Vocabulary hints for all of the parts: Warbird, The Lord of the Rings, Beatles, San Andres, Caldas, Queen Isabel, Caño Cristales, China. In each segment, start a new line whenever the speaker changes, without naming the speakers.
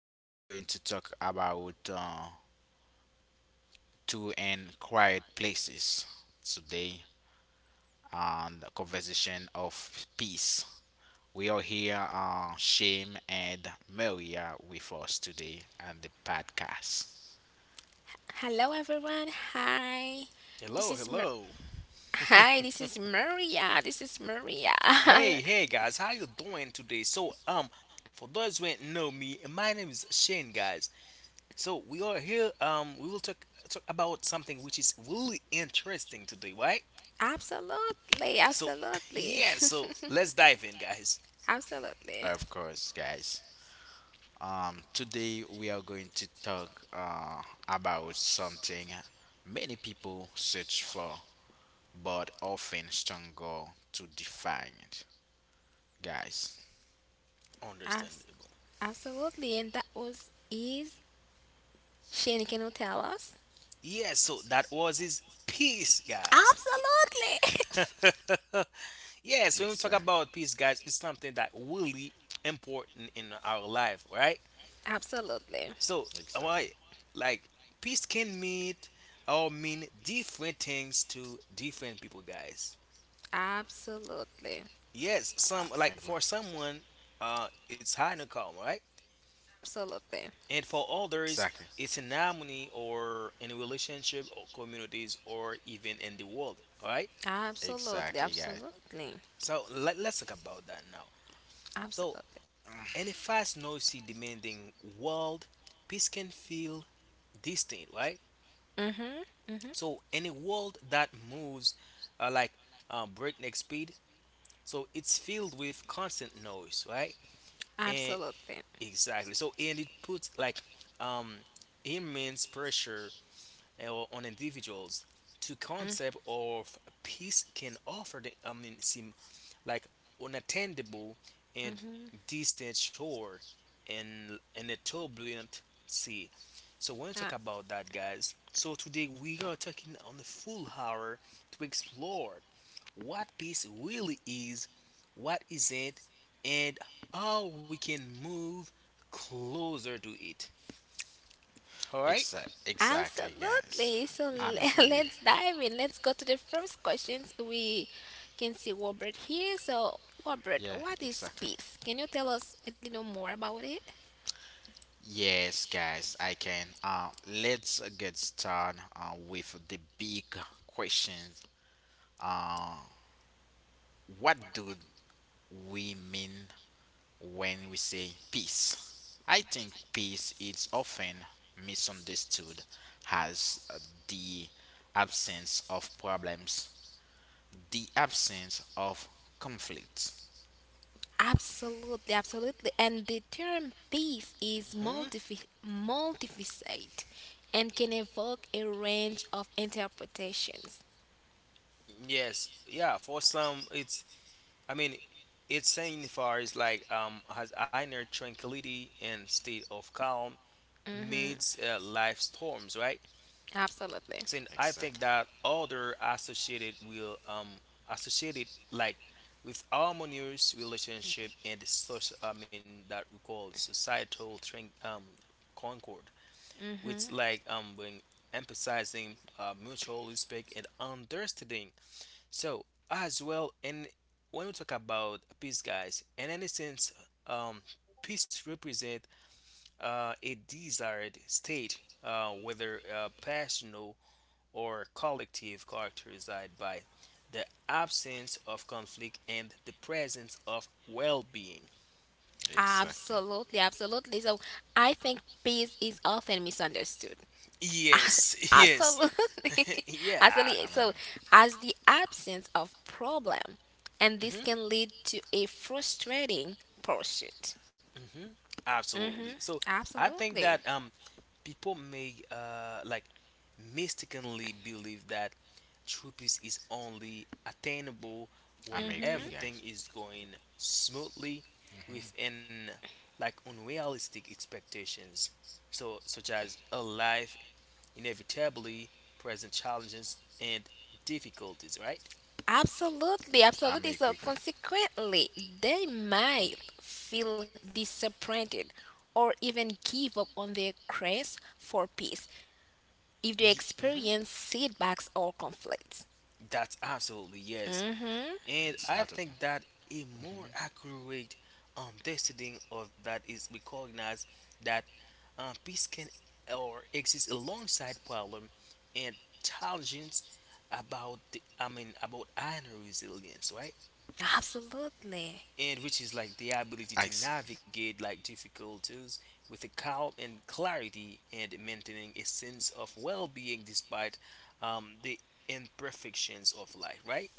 we are going to talk about two and quiet places today and the conversation of peace. We are here, Shame and Maria, with us today and the podcast.
Hello everyone. Hi. This
Hello,
is Mar-
hello.
Hi, this is Maria. This is Maria.
Hey, hey guys, how you doing today? For those who ain't know me, my name is Shane, guys. So we are here. We will talk about something which is really interesting today, right?
Absolutely.
So
Absolutely.
yeah, so let's dive in, guys.
Absolutely.
Of course, guys. Today we are going to talk about something many people search for, but often struggle to define, guys.
Abs-
Understandable.
Absolutely. And that was is Shane, can you tell us?
Yeah, so that was his peace, guys.
Absolutely.
Yes, when we talk
Exa-
about peace, guys, it's something that really important in our life, right?
Absolutely.
So, why,
exactly.
like, peace can mean or mean different things to different people, guys.
Absolutely.
Yes, some like
Like,
for someone, it's high in calm, right?
Absolutely.
And for others,
exactly.
it's in harmony or in a relationship or communities or even in the world, all right?
Absolutely.
Exactly, guys.
Absolutely.
So let's talk about that now. So,
Absolutely.
in a fast, noisy, demanding world, peace can feel distant, right?
Mhm. Mhm.
So in a world that moves uh, like breakneck speed, so it's filled with constant noise, right? And
Absolutely.
exactly. So and it puts like um immense pressure or on individuals to
Mhm.
concept of peace can offer the, seem like unattainable and distant shore and in a turbulent sea. So when we talk
Mhm.
about that guys, so today we are taking on a full hour to explore what peace really is, what isn't, and how we can move closer to it. All right?
Exactly, guys.
Absolutely. So
I'm agree with you.
let's dive in. Let's go to the first questions. We can see Warbird here. So, Warbird,
Yeah,
what is
exactly.
peace? Can you tell us a little more about it?
Yes, guys, I can. Let's get started with the big questions. Uh, what do we mean when we say peace? I think peace is often misunderstood as the absence of problems, the absence of conflict.
Absolutely, absolutely. And the term peace is
Mm-hmm.
multifaceted and can evoke a range of interpretations.
Yes, yeah. For some, it's I mean, it's signifies is like has inner tranquility and state of calm
Mm-hmm.
amidst life storms, right?
Absolutely.
Saying I think
Exactly.
that order associated will associated like with harmonious relationship and social. That we call societal concord, which
Mm-hmm.
like bring emphasizing mutual respect and understanding so as well, and when we talk about peace, guys, in any sense, um, peace represent a desired state, whether personal or collective, characterized by the absence of conflict and the presence of well-being.
Exactly.
Absolutely, absolutely. So I think peace is often misunderstood.
Yes, yes,
Absolutely.
yeah.
Absolutely.
I'm a,
So, as the absence of problem, and this
Mhm.
can lead to a frustrating pursuit.
Hmm.
Mm-hmm.
Absolutely. So I think
Absolutely.
that people may mistakenly believe that true peace is only attainable when
I'm a agree,
Mm-hmm.
everything
guys.
is going smoothly within like unrealistic expectations. So such as a life inevitably present challenges and difficulties, right?
Absolutely.
I'm a
Absolutely.
agree
So,
with—
consequently, they might feel disappointed or even give up on their quest for peace if they
Mhm.
experience setbacks or conflicts.
That's absolutely yes.
Mm-hmm.
And
It's
I
not okay.
think that a more
Hmm.
accurate understanding of that is recognize that peace can or exist alongside problem and challenges about the I mean about inner resilience, right?
Absolutely.
And which is like the ability to
Ex-
navigate like difficulties with a calm and clarity and maintaining a sense of well-being despite the imperfections of life, right?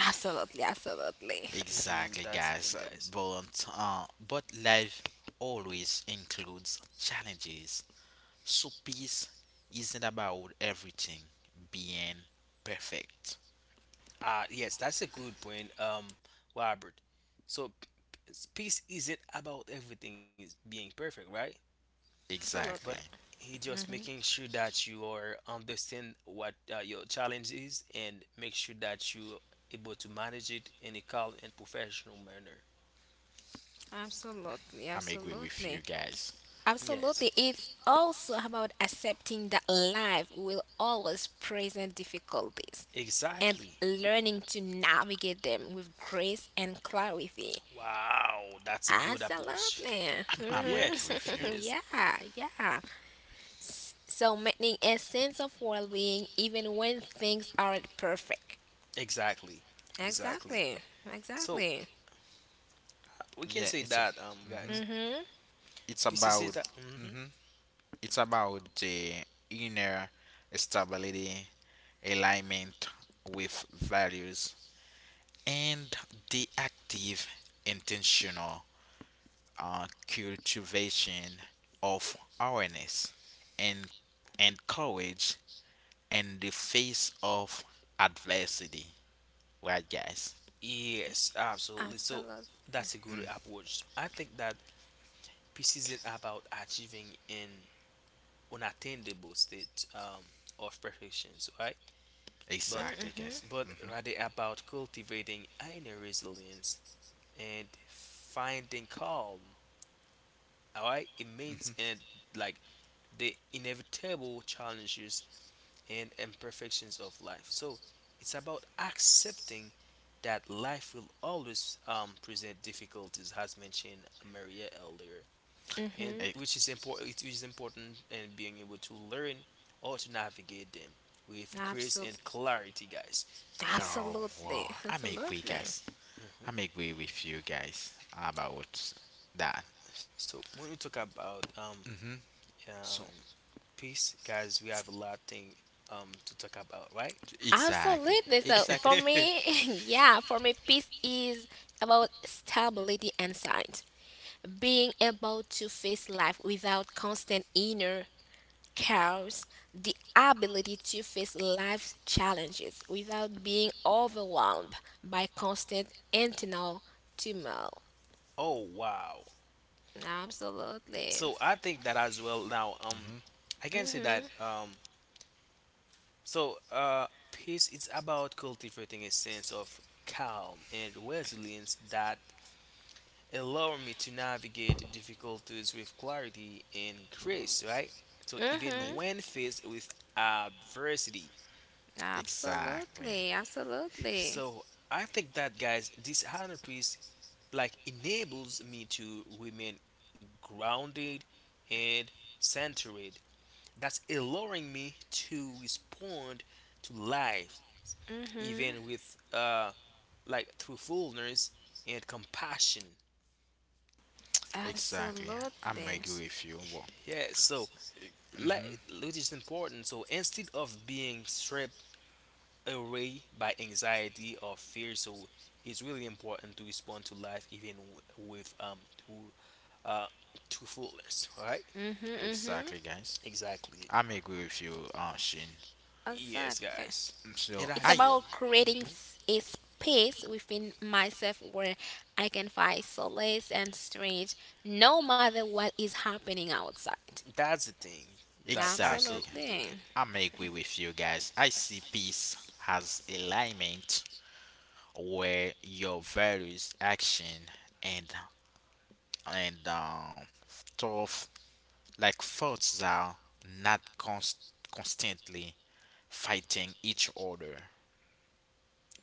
Absolutely. Absolutely.
Hmm.
exactly,
That's the thing,
guys.
guys.
But life always includes challenges. So peace isn't about everything being perfect.
Ah, yes, that's a good point, Robert. So, peace isn't about everything is being perfect, right? But
Exactly.
Absolutely.
he just making sure that you are understand what your challenge is and make sure that you able to manage it in a calm and professional manner.
Absolutely.
I'm agree with
Absolutely.
you guys.
Yes,
Absolutely. It's also about accepting that life will always present difficulties and
exactly.
learning to navigate them with grace and clarity.
Wow, that's a good approach.
Absolutely.
I'm I'm
Yes,
agree with you.
Mhm.
yes,
Yeah, yeah. So maintaining a sense of well-being even when things aren't perfect.
exactly, exactly.
Exactly.
So
Exactly.
we can
Yeah,
say
it's a.
that,
mhm.
guys,
Mhm.
It's
peace is
about
that. Mm-hmm.
mhm, it's about the inner stability, alignment with values, and the active, intentional cultivation of awareness and and courage in the face of adversity. Right, guys?
Yes, absolutely. So
Absolutely.
that's a good
Mhm.
approach. I think that peace isn't about achieving an unattainable state of perfection, right? But
Exactly,
Mhm.
guys.
but
Hmm
rather about cultivating inner resilience and finding calm, all right, amidst and
hmm
like the inevitable challenges and imperfections of life. So it's about accepting that life will always present difficulties, as mentioned Maria earlier, and
Mhm.
which is important. It is important in being able to learn or to navigate them with grace and
Absolutely.
clarity, guys.
oh,
Absolutely,
wow! I'm a quick
absolutely,
guys. I'm
Hmm.
agree with you guys about that.
So when we talk about
Mm-hmm.
um,
So
peace, guys, we have a lot thing to talk about, right?
exactly,
absolutely. So
exactly.
for me, yeah, for me, peace is about stability and sight, being able to face life without constant inner chaos, the ability to face life's challenges without being overwhelmed by constant internal turmoil.
Oh wow.
Absolutely.
So I think that as well now
Mm-hmm.
I can say
Mhm.
that so, peace is about cultivating a sense of calm and resilience that allow me to navigate difficulties with clarity and grace, right? So, even
Mhm.
when faced with adversity.
Exactly,
Absolutely. Absolutely.
So, I think that, guys, this inner peace like enables me to remain grounded and centered. That's allowing me to respond to life
Mhm.
even with through fullness and compassion.
exactly. I'm
Absolutely.
agree with you. Well,
Yeah, so let
mm-hmm.
which is important. So instead of being stripped away by anxiety or fear, so it's really important to respond to life even with to uh to fullness, right?
Mm-hmm, mm-hmm.
Exactly, guys.
Exactly.
I'm agree with you, Shin.
Yes,
Exactly.
guys,
So
and
It's
as
I
about
well.
creating
Hmm.
a space within myself where I can find solace and strength no matter what is happening outside.
That's the thing. That's
exactly.
absolutely the
Absolutely.
thing.
I'm agree with you guys. I see peace as alignment where your values, action, and and um, thought. Like thoughts are not const- constantly fighting each other.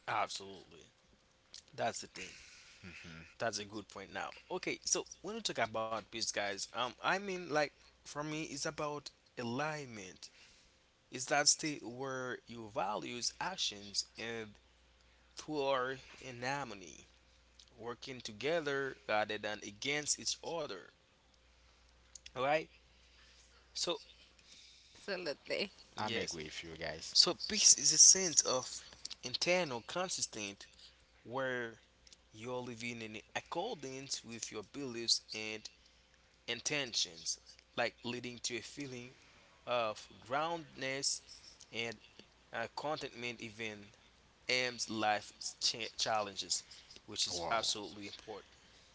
Absolutely, that's the thing. That's a good point now. Okay, so when we talk about peace, guys, I mean, like, for me, it's about alignment. It's that state where your values, actions, and thoughts are in harmony, working together rather than against each other. Alright? So,
Absolutely.
I'm
yes.
agree with you guys.
So, peace is a sense of internal consistent where you're living in accordance with your beliefs and intentions, like leading to a feeling of groundedness and contentment even am's life challenges which is
Wow.
absolutely important.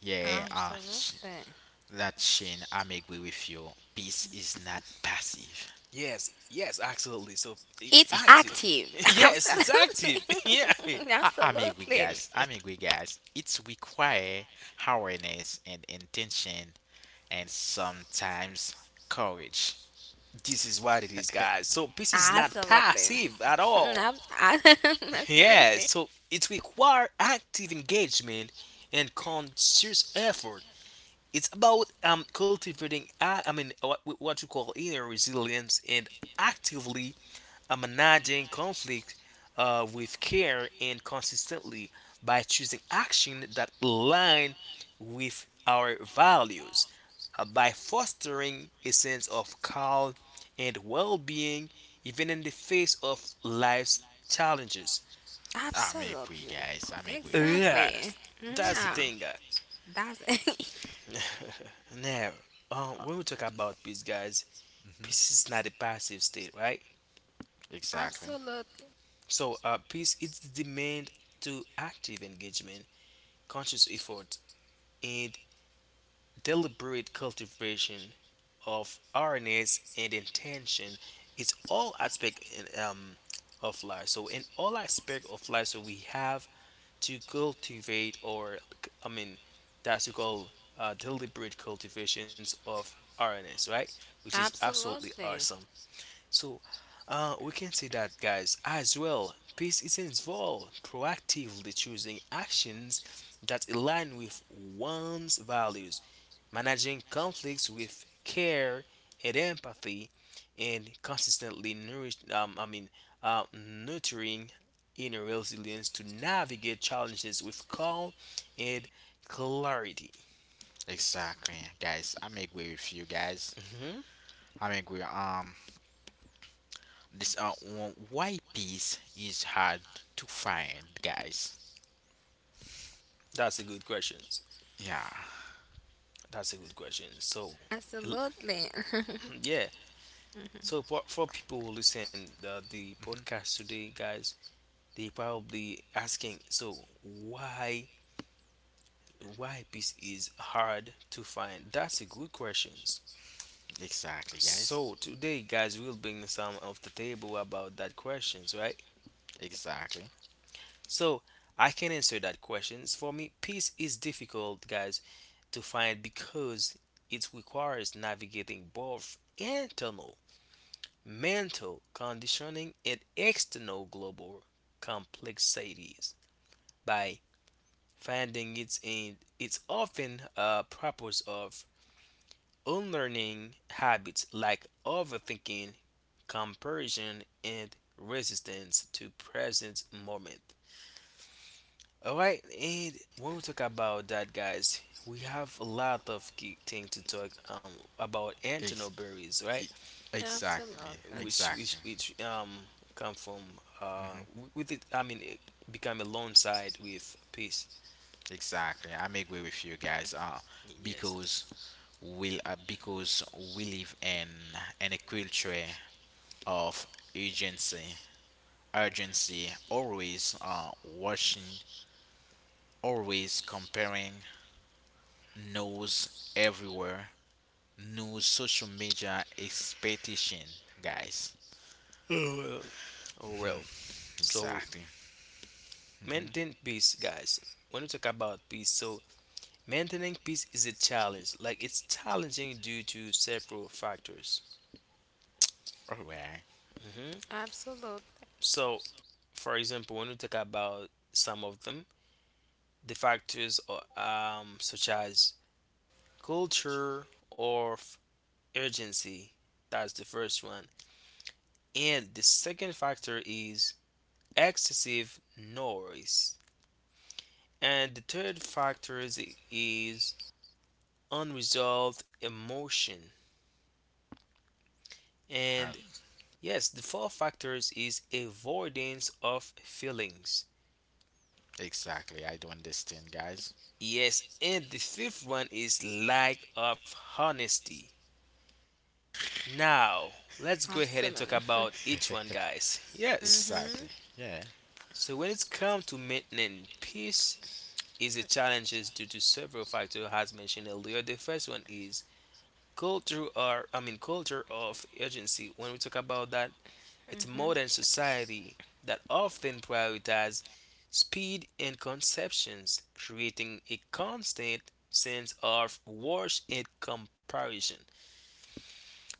Yeah,
Absolutely.
that Shane, I'm agree with you. Peace is not passive.
Yes, yes, absolutely, so it's
It's
If—
active.
active.
Yes, it's
Absolutely.
active. Yeah,
I'm agree,
Absolutely.
guys. I'm agree, guys. It's require awareness and intention, and sometimes courage.
this is what it is guys, so this is not
Absolutely.
passive at all.
Ab-
Yeah,
Absolutely.
so it requires active engagement and conscious effort. It's about cultivating, what you call inner resilience and actively managing conflict with care and consistently by choosing action that align with our values, by fostering a sense of calm and well-being even in the face of life's challenges.
I'm agree,
Absolutely.
guys. I'm agree with you.
Exactly.
Yes, that's the
Yeah.
thing, guys.
That's
Now, when we talk about peace, guys, peace
Hmm
is not a passive state, right?
Exactly.
absolutely.
So, peace is the demand to active engagement, conscious effort, and deliberate cultivation of awareness and intention. It's all aspect in, of life. So, in all aspect of life, so we have to cultivate, or I mean, that's what we call deliberate cultivations of awareness, right? Which is absolutely
Absolutely.
awesome. So we can say that, guys, as well, peace is involved proactively choosing actions that align with one's values, managing conflicts with care and empathy, and consistently nurturing inner resilience to navigate challenges with calm and clarity.
Exactly, guys. I'm agree with you, guys.
Hmm.
I agree. This why peace is hard to find, guys.
That's a good question.
Yeah.
That's a good question. So,
Absolutely.
yeah, so for people who listen the
hmm
podcast today, guys, they probably asking, so why peace is hard to find? That's a good questions.
Exactly, guys.
So today, guys, we'll bring some of the table about that questions, right?
Exactly.
So I can answer that questions. For me, peace is difficult, guys, to find because it requires navigating both internal mental conditioning and external global complexities by finding its in its often a purpose of unlearning habits like overthinking, comparison, and resistance to present moment. All right, and when we talk about that, guys, we have a lot of key things to talk about Antonio
Ex-
Berries, right?
Absolutely.
exactly.
which which
Exactly.
which um come from
hmm
w- with it I mean it become alongside with peace.
Exactly. I am agree with you, guys.
Yes.
Because because we live in a culture of urgency, urgency, always watching, always comparing, nose everywhere new social media expectation, guys.
Oh well. Oh well. So
Exactly. hmm
maintain peace, guys. When we talk about peace, so maintaining peace is a challenge. Like it's challenging due to several factors.
All right.
Hmm.
Absolutely.
So, for example, when we talk about some of them, the factors are, such as culture urgency. That's the first one. And the second factor is excessive noise. And the third factor is unresolved emotion.
Uh,
And yes, the fourth factor is avoidance of feelings.
exactly. I don't understand, guys.
Yes, and the fifth one is lack of honesty. Now, let's go ahead and talk
Absolutely.
about each one, guys. Yes.
Exactly.
Mm-hmm.
Yeah.
So when it's come to maintaining peace, is a challenge due to several factors as mentioned earlier. The first one is culture or I mean culture of urgency. When we talk about that, it's
Mm-hmm.
modern society that often prioritizes speed and conceptions, creating a constant sense of rush and comparison.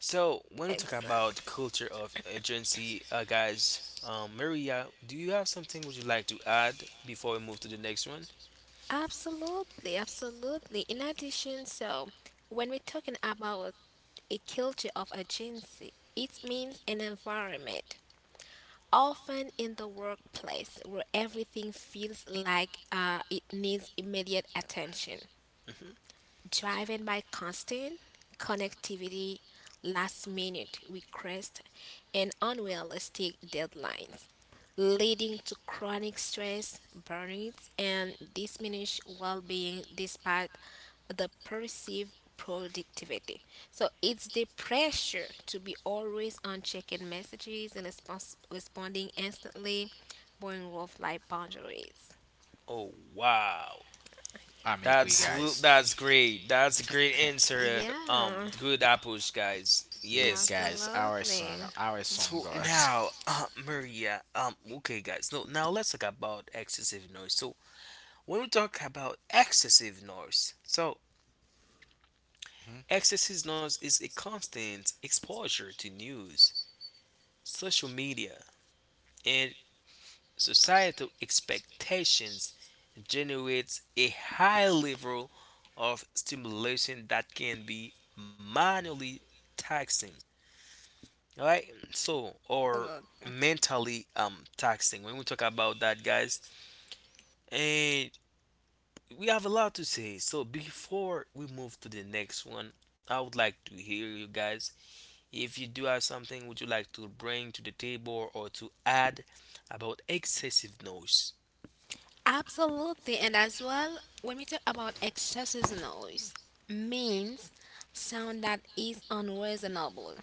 So when we talk
Exactly.
about culture of urgency, guys, Maria, do you have something would you like to add before we move to the next one?
Absolutely. Absolutely. In addition, so when we're talking about a culture of agency, it means an environment often in the workplace where everything feels like it needs immediate attention
Hmm.
driven by constant connectivity, last minute requests, and unrealistic deadlines, leading to chronic stress, burnout, and diminished well being despite the perceived productivity. So it's the pressure to be always on checking messages and responding instantly, blowing off life boundaries.
Oh wow!
I'm agree,
Yeah.
guys.
That's great. That's a great answer.
Yeah.
Good approach, guys.
Yeah,
Yes.
guys.
Absolutely.
Our son,
So
guys.
now, Maria. Okay, guys. No, now let's talk about excessive noise. So when we talk about excessive noise, so
Mhm.
excessive noise is a constant exposure to news, social media, and societal expectations generates a high level of stimulation that can be manually taxing. All right. So, or
Absolutely.
mentally taxing. When we talk about that, guys, and we have a lot to say. So, before we move to the next one, I would like to hear you guys. If you do have something, would you like to bring to the table or to add about excessive noise?
Absolutely. And as well, when we talk about excessive noise, means sound that is unreasonable,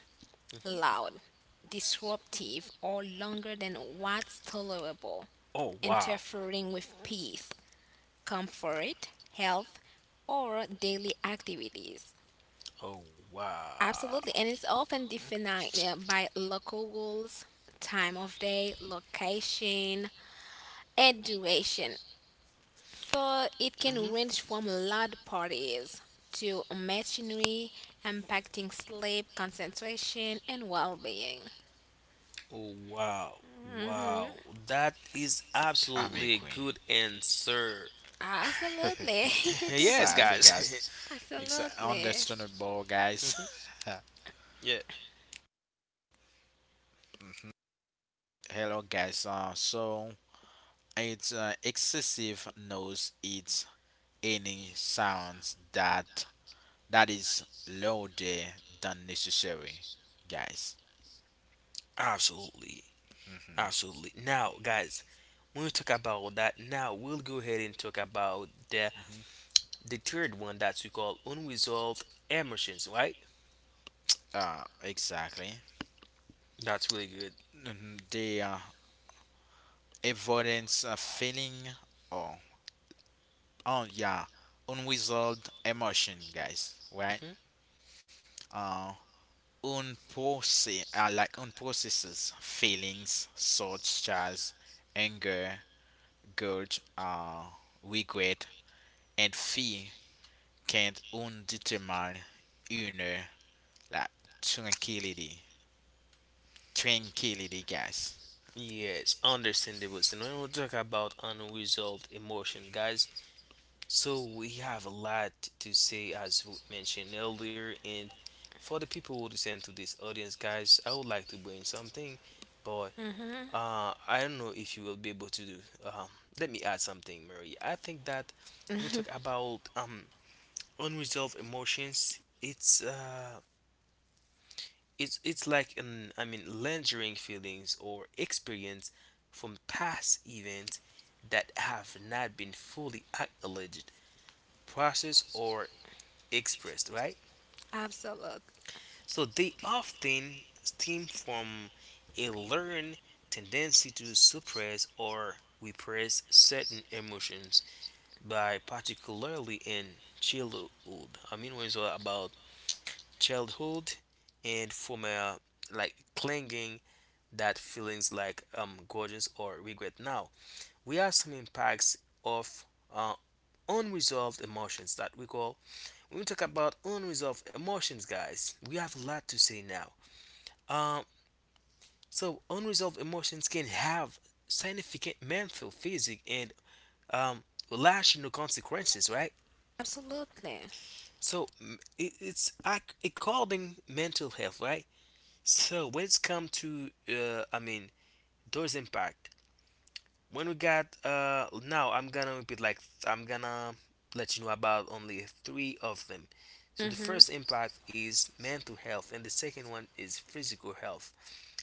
Hmm.
loud, disruptive, or longer than what's tolerable,
Oh wow!
interfering with peace, comfort, health, or daily activities.
Oh wow!
Absolutely. And it's often defined by local rules, time of day, location, and duration. For it can
Hmm.
range from loud parties to machinery impacting sleep, concentration, and well being.
Oh, wow, wow, that is
I'm
absolutely a
agree.
good answer.
Absolutely.
Yes,
Exactly, guys.
guys.
Absolutely.
Understandable, guys.
Mhm. Yeah,
Mhm. Hello, guys. So it's excessive knows, it's any sounds that is louder than necessary, guys.
absolutely,
Hmm
absolutely. Now, guys, when we talk about that, now we'll go ahead and talk about
hmm
the third one that we call unresolved emotions, right?
Exactly.
That's really good.
Mhm. The avoidance feeling or oh yeah, unresolved emotion, guys. Right?
Hmm.
Uh, unprocess like unprocessed feelings such as anger, guilt, regret, and fear can't undetermine inner, like, tranquility, tranquility, guys.
Yes, understandable. So when we talk about unresolved emotion, guys, so we have a lot to say, as we mentioned earlier, and for the people who listen to this audience, guys, I would like to bring something, but
hmm
I don't know if you will be able to do. Um, Let me add something, Mary. I think that when we talk about unresolved emotions, it's like an I mean lingering feelings or experience from past events that have not been fully acknowledged, processed, or expressed, right?
Absolutely.
So they often stem from a learned tendency to suppress or repress certain emotions by particularly in childhood. I mean when it's all about childhood and from a like clinging that feelings like grudges or regret. Now we have some impacts of uh, unresolved emotions that we call. When we talk about unresolved emotions, guys. We have a lot to say now. Um, so unresolved emotions can have significant mental, physical, and um, relational consequences, right?
Absolutely.
So it's according mental health, right? So when it's come to, I mean, those impact, when we got now I'm gonna repeat like I'm gonna let you know about only three of them. So the
hmm
first impact is mental health and the second one is physical health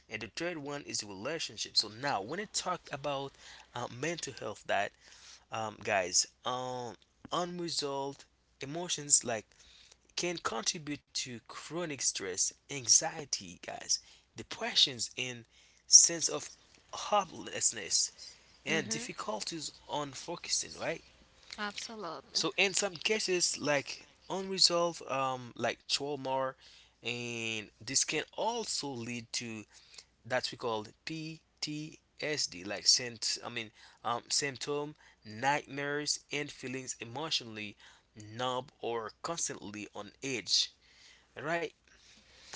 and the third one is relationship. So now when it talked about mental health that guys unresolved emotions like can contribute to chronic stress, anxiety, guys, depressions and sense of hopelessness and
hmm
difficulties on focusing, right?
Absolutely.
So in some cases, like unresolved, like trauma, and this can also lead to that we call PTSD, like I mean, symptom, nightmares, and feelings emotionally numb or constantly on edge, right?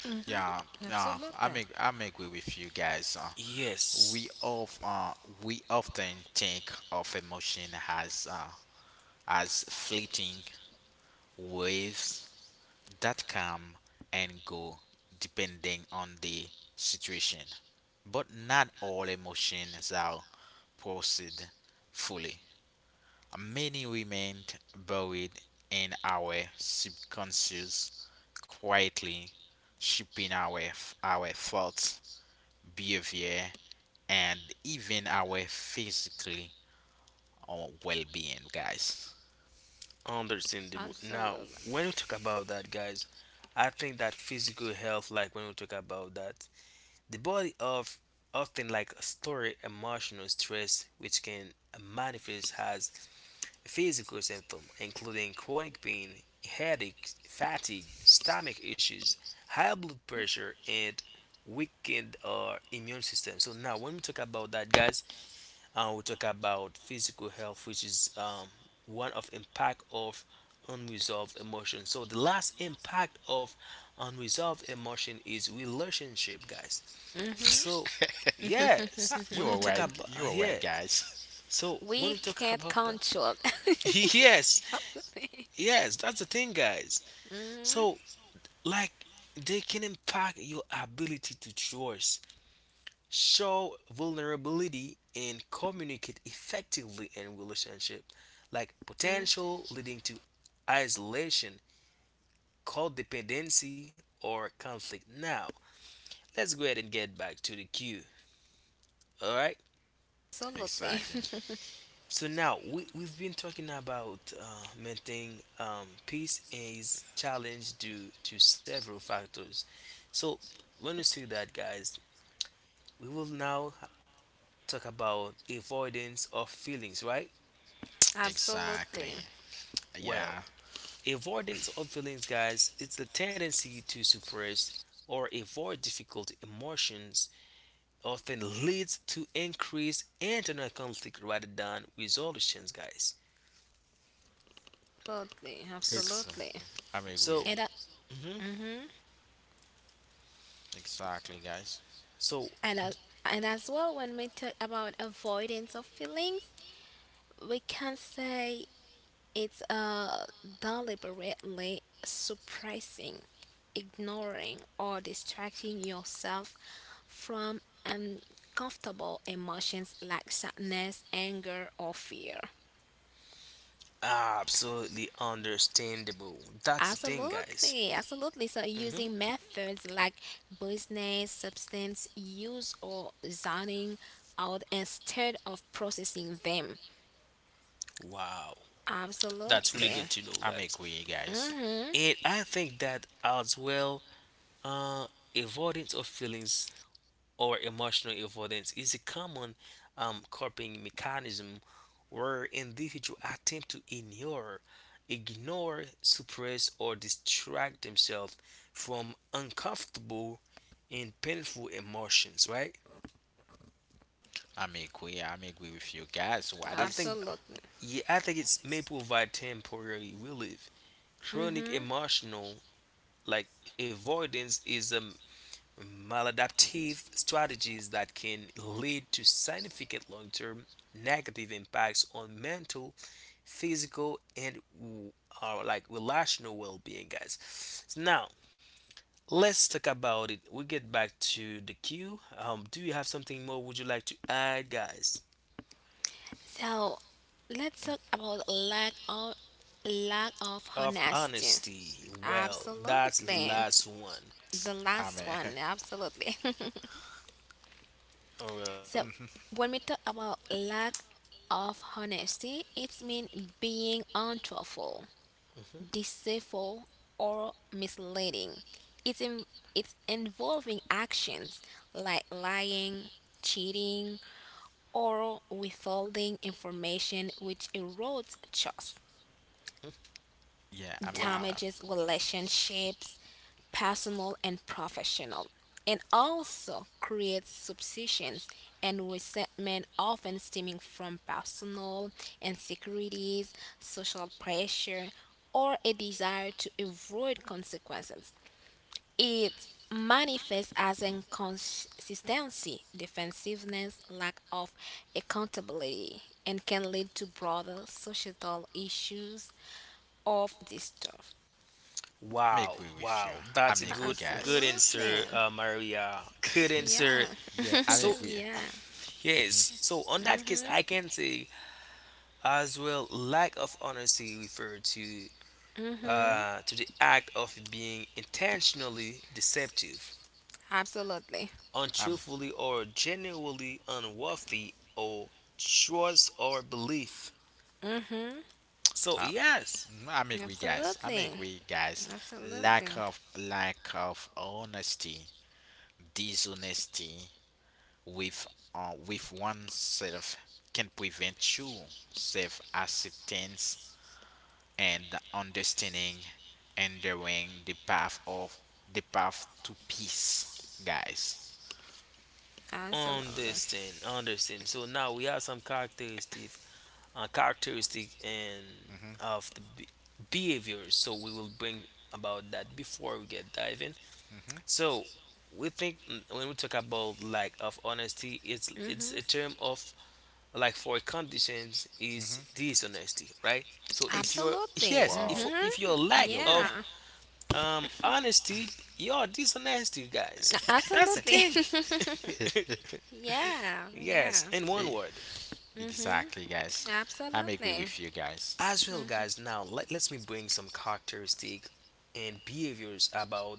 hmm
Yeah,
Absolutely.
I'm agree with you guys.
Yes,
We of uh, we often think of emotion as fleeting waves that come and go depending on the situation. But not all emotions are processed fully. Many remain buried in our subconscious, quietly shaping our thoughts, behavior, and even our physically well-being, guys.
understandable.
Absolutely.
Now, when we talk about that, guys, I think that physical health, like when we talk about that, the body of often like a stored emotional stress which can manifest as physical symptoms including chronic pain, headache, fatigue, stomach issues, high blood pressure and weakened immune system. So now when we talk about that guys, we talk about physical health which is one of impact of unresolved emotion. So the last impact of unresolved emotion is relationship guys.
hmm
So, yes, when we
You're
talk
right.
about
You're right,
yes,
guys.
so when
We
we talk
can't
about that,
control.
yes,
Absolutely.
yes, that's the thing, guys.
hmm
So, like, they can impact your ability to trust, show vulnerability, and communicate effectively in relationship, like potential leading to isolation, codependency, or conflict. Now, let's go ahead and get back to the queue. All right.
Absolutely.
Exactly.
So now we've been talking about maintaining peace and is challenged due to several factors. So when we see that, guys, we will now talk about avoidance of feelings, right?
Absolutely.
Exactly.
Well,
Yeah.
avoidance of feelings, guys, it's the tendency to suppress or avoid difficult emotions often leads to increased internal conflict rather than resolutions, guys.
Absolutely.
S-
Absolutely.
Exactly. I'm agree.
And
So,
that,
mhm.
hmm
Exactly, guys.
So
and as, and as well, when we talk about avoidance of feelings, we can say it's deliberately suppressing, ignoring, or distracting yourself from uncomfortable emotions like sadness, anger, or fear.
absolutely understandable. That's the thing, guys.
Absolutely, absolutely. So
Hmm.
using methods like business, substance use, or zoning out instead of processing them.
Wow, that's really good
Absolutely.
to know,
I'm
guys.
agree, guys.
Mm-hmm.
And I think that as well, uh, avoidance of feelings or emotional avoidance is a common coping mechanism where individuals attempt to ignore, ignore, suppress, or distract themselves from uncomfortable and painful emotions. Right?
I'm agree. I'm agree with you guys. What
I
is
think
Absolutely.
yeah, I think it may provide temporary relief. Chronic
Mm-hmm.
emotional like avoidance is a maladaptive strategies that can lead to significant long-term negative impacts on mental, physical, and like relational well-being, guys. So now let's talk about it. We get back to the queue. Do you have something more? Would you like to add, guys?
So let's talk about lack of
Of
honesty.
honesty. Well, that's the
Absolutely.
last one.
The
I'm
last
a,
one, absolutely.
Or well,
So when we talk about lack of honesty, it's mean being untruthful,
mhm.
deceitful, or misleading. It's in, it's involving actions like lying, cheating, or withholding information which erodes trust
yeah. I'm
Wow,
damages relationships, personal and professional, and also creates suspicions and resentment, often stemming from personal insecurities, social pressure, or a desire to avoid consequences. It manifests as inconsistency, defensiveness, lack of accountability, and can lead to broader societal issues of distrust.
I'm
wow,
agree with you.
wow. That's
I'm
a
agree,
good, good
guys.
Absolutely.
answer, Maria. Good
Yeah.
answer.
Yeah, I'm
So
agree.
Yeah.
Hmm
yes, so on that case,
Mhm.
I can say as well, lack of honesty refer
Mhm.
hmm
to the act of being intentionally deceptive,
Absolutely.
I'm,
untruthfully or genuinely unworthy or trust or belief.
Mhm.
So
um,
yes.
mhm, I'm agree, guys. I'm
Absolutely.
agree, guys.
Absolutely.
Lack of honesty, dishonesty with with oneself can prevent true self acceptance and understanding, enduring the path of the path to peace, guys.
Absolutely.
Understand, understand. So now we have some characteristic, characteristic and
Hmm
of the behaviors. So we will bring about that before we get diving.
hmm
So we think mm, when we talk about lack of honesty, it's a term of like for conditions is
hmm
dishonesty, right? So if
Ex-
you're
Absolutely.
yes,
wow,
if
Mhm.
your lack
you're right.
of
Yeah.
honesty, you're dishonesty, guys. That's the
Absolutely.
thing.
Yeah. Yeah.
yes, in one word.
Exactly, guys. I'm agree
Absolutely.
with you guys.
As well, guys, now let me bring some characteristic and behaviors about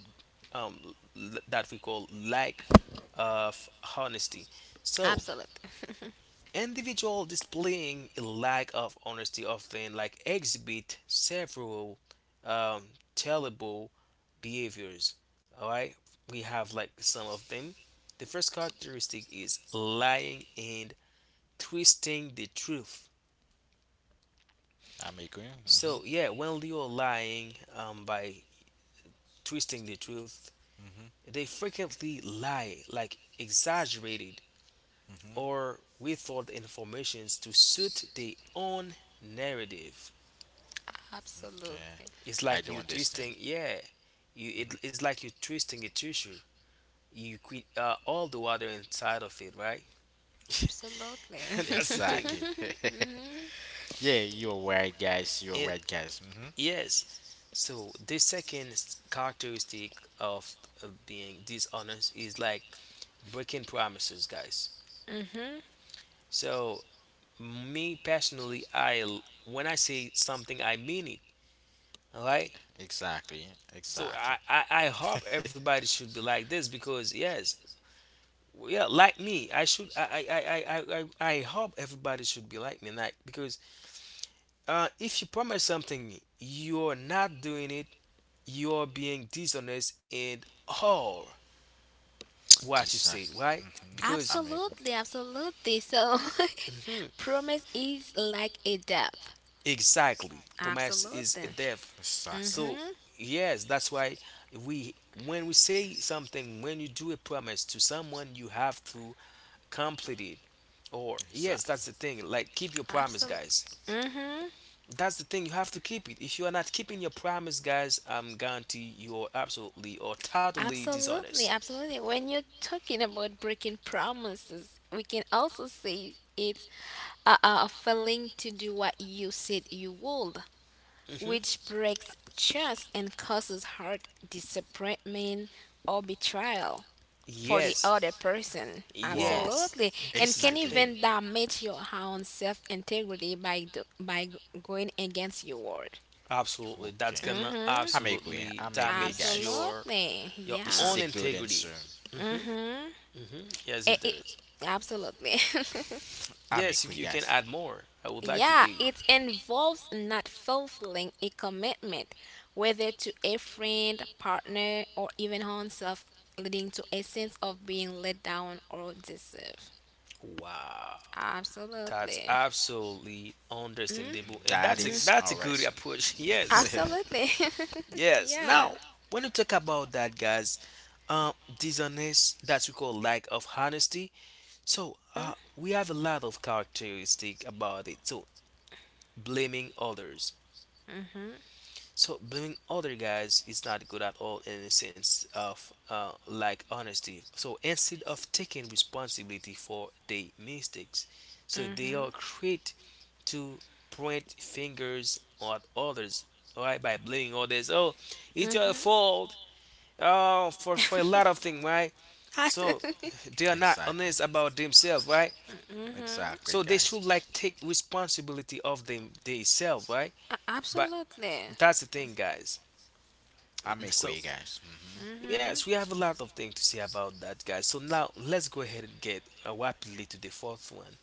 that we call lack of honesty. So,
Absolutely.
individual displaying a lack of honesty often like exhibit several um, terrible behaviors. All right, we have like some of them. The first characteristic is lying and twisting the truth.
I'm agree. Mhm.
So yeah, when you're lying by twisting the truth,
Mhm.
they frequently lie like exaggerated
Mhm.
or withhold informations to suit their own narrative.
Yeah.
Absolutely.
It's
I
like
don't
you
understand.
twisting, yeah, it's like you twisting a tissue. You quit all the water inside of it, right?
Absolutely.
That's the thing.
Exactly.
Mhm.
Yeah, you're right, guys. You're
It
right, guys. Mhm.
yes. So the second characteristic of being dishonest is like breaking promises, guys.
Mhm.
So me personally I when I say something I mean it all right
Exactly.
so
Exactly.
I hope everybody should be like this because yes yeah like me I should I hope everybody should be like me like because if you promise something you're not doing it you're being dishonest in all what you said
Exactly.
right
Mhm.
because
I'm agree.
Absolutely, absolutely. So, promise is like a debt.
exactly. Promise is a
Absolutely.
death.
Exactly.
So
Mhm.
yes, that's why we when we say something, when you do a promise to someone, you have to complete it. Or yes, that's
Exactly.
the thing. Like keep your promise,
Absolutely.
guys.
Mhm.
That's the thing. You have to keep it. If you are not keeping your promise, guys, I'm guarantee you are absolutely or totally
Absolutely,
dishonest.
absolutely. When you're talking about breaking promises, we can also say it's a failing to do what you said you would,
Hmm.
which breaks trust and causes hurt, disappointment, or betrayal for the
Ex-
Yes.
other person.
wow.
Yes.
Absolutely.
This
And
is the
can
Exactly.
thing.
even damage your own self integrity by going against your word.
Absolutely. That's
Okay.
gonna
Mm-hmm.
I'm agree.
absolutely
I'm agree,
damage
guys.
Absolutely.
your
This
Yeah.
is
own
a good
integrity.
answer.
Mhm.
Mm-hmm.
Mhm. Yes, it
It, it,
does.
absolutely.
I'm
Yes,
agree,
you can
guys.
add more. I would like to
Yeah,
hear you.
it involves not fulfilling a commitment, whether to a friend, partner, or even own self, leading to a sense of being let down or deceived.
Wow. That's
Absolutely.
absolutely
Mm-hmm.
understandable. And
That is
that's
our
a good
lesson.
approach. Yes.
Absolutely.
Yes.
Yeah.
Now, when you talk about that guys, dishonest that we call lack of honesty, so
Mm-hmm.
we have a lot of characteristic about it. So blaming others.
Mm-hmm.
So blaming other guys is not good at all in the sense of like honesty. So instead of taking responsibility for their mistakes, so they
Mm-hmm.
are quick to point fingers at others. All right, by blaming others. Oh, it's your
Mm-hmm.
fault. Oh, for a lot of things, right? So
Absolutely.
they are not
Exactly.
honest about themselves, right?
Mm-hmm.
Exactly,
So they should
guys.
like take responsibility of them themselves, right? But that's the thing, guys.
I'm
So
agree, guys. Hmm
yes, we have a lot of things to say about that, guys. So now let's go ahead and get rapidly to the fourth one.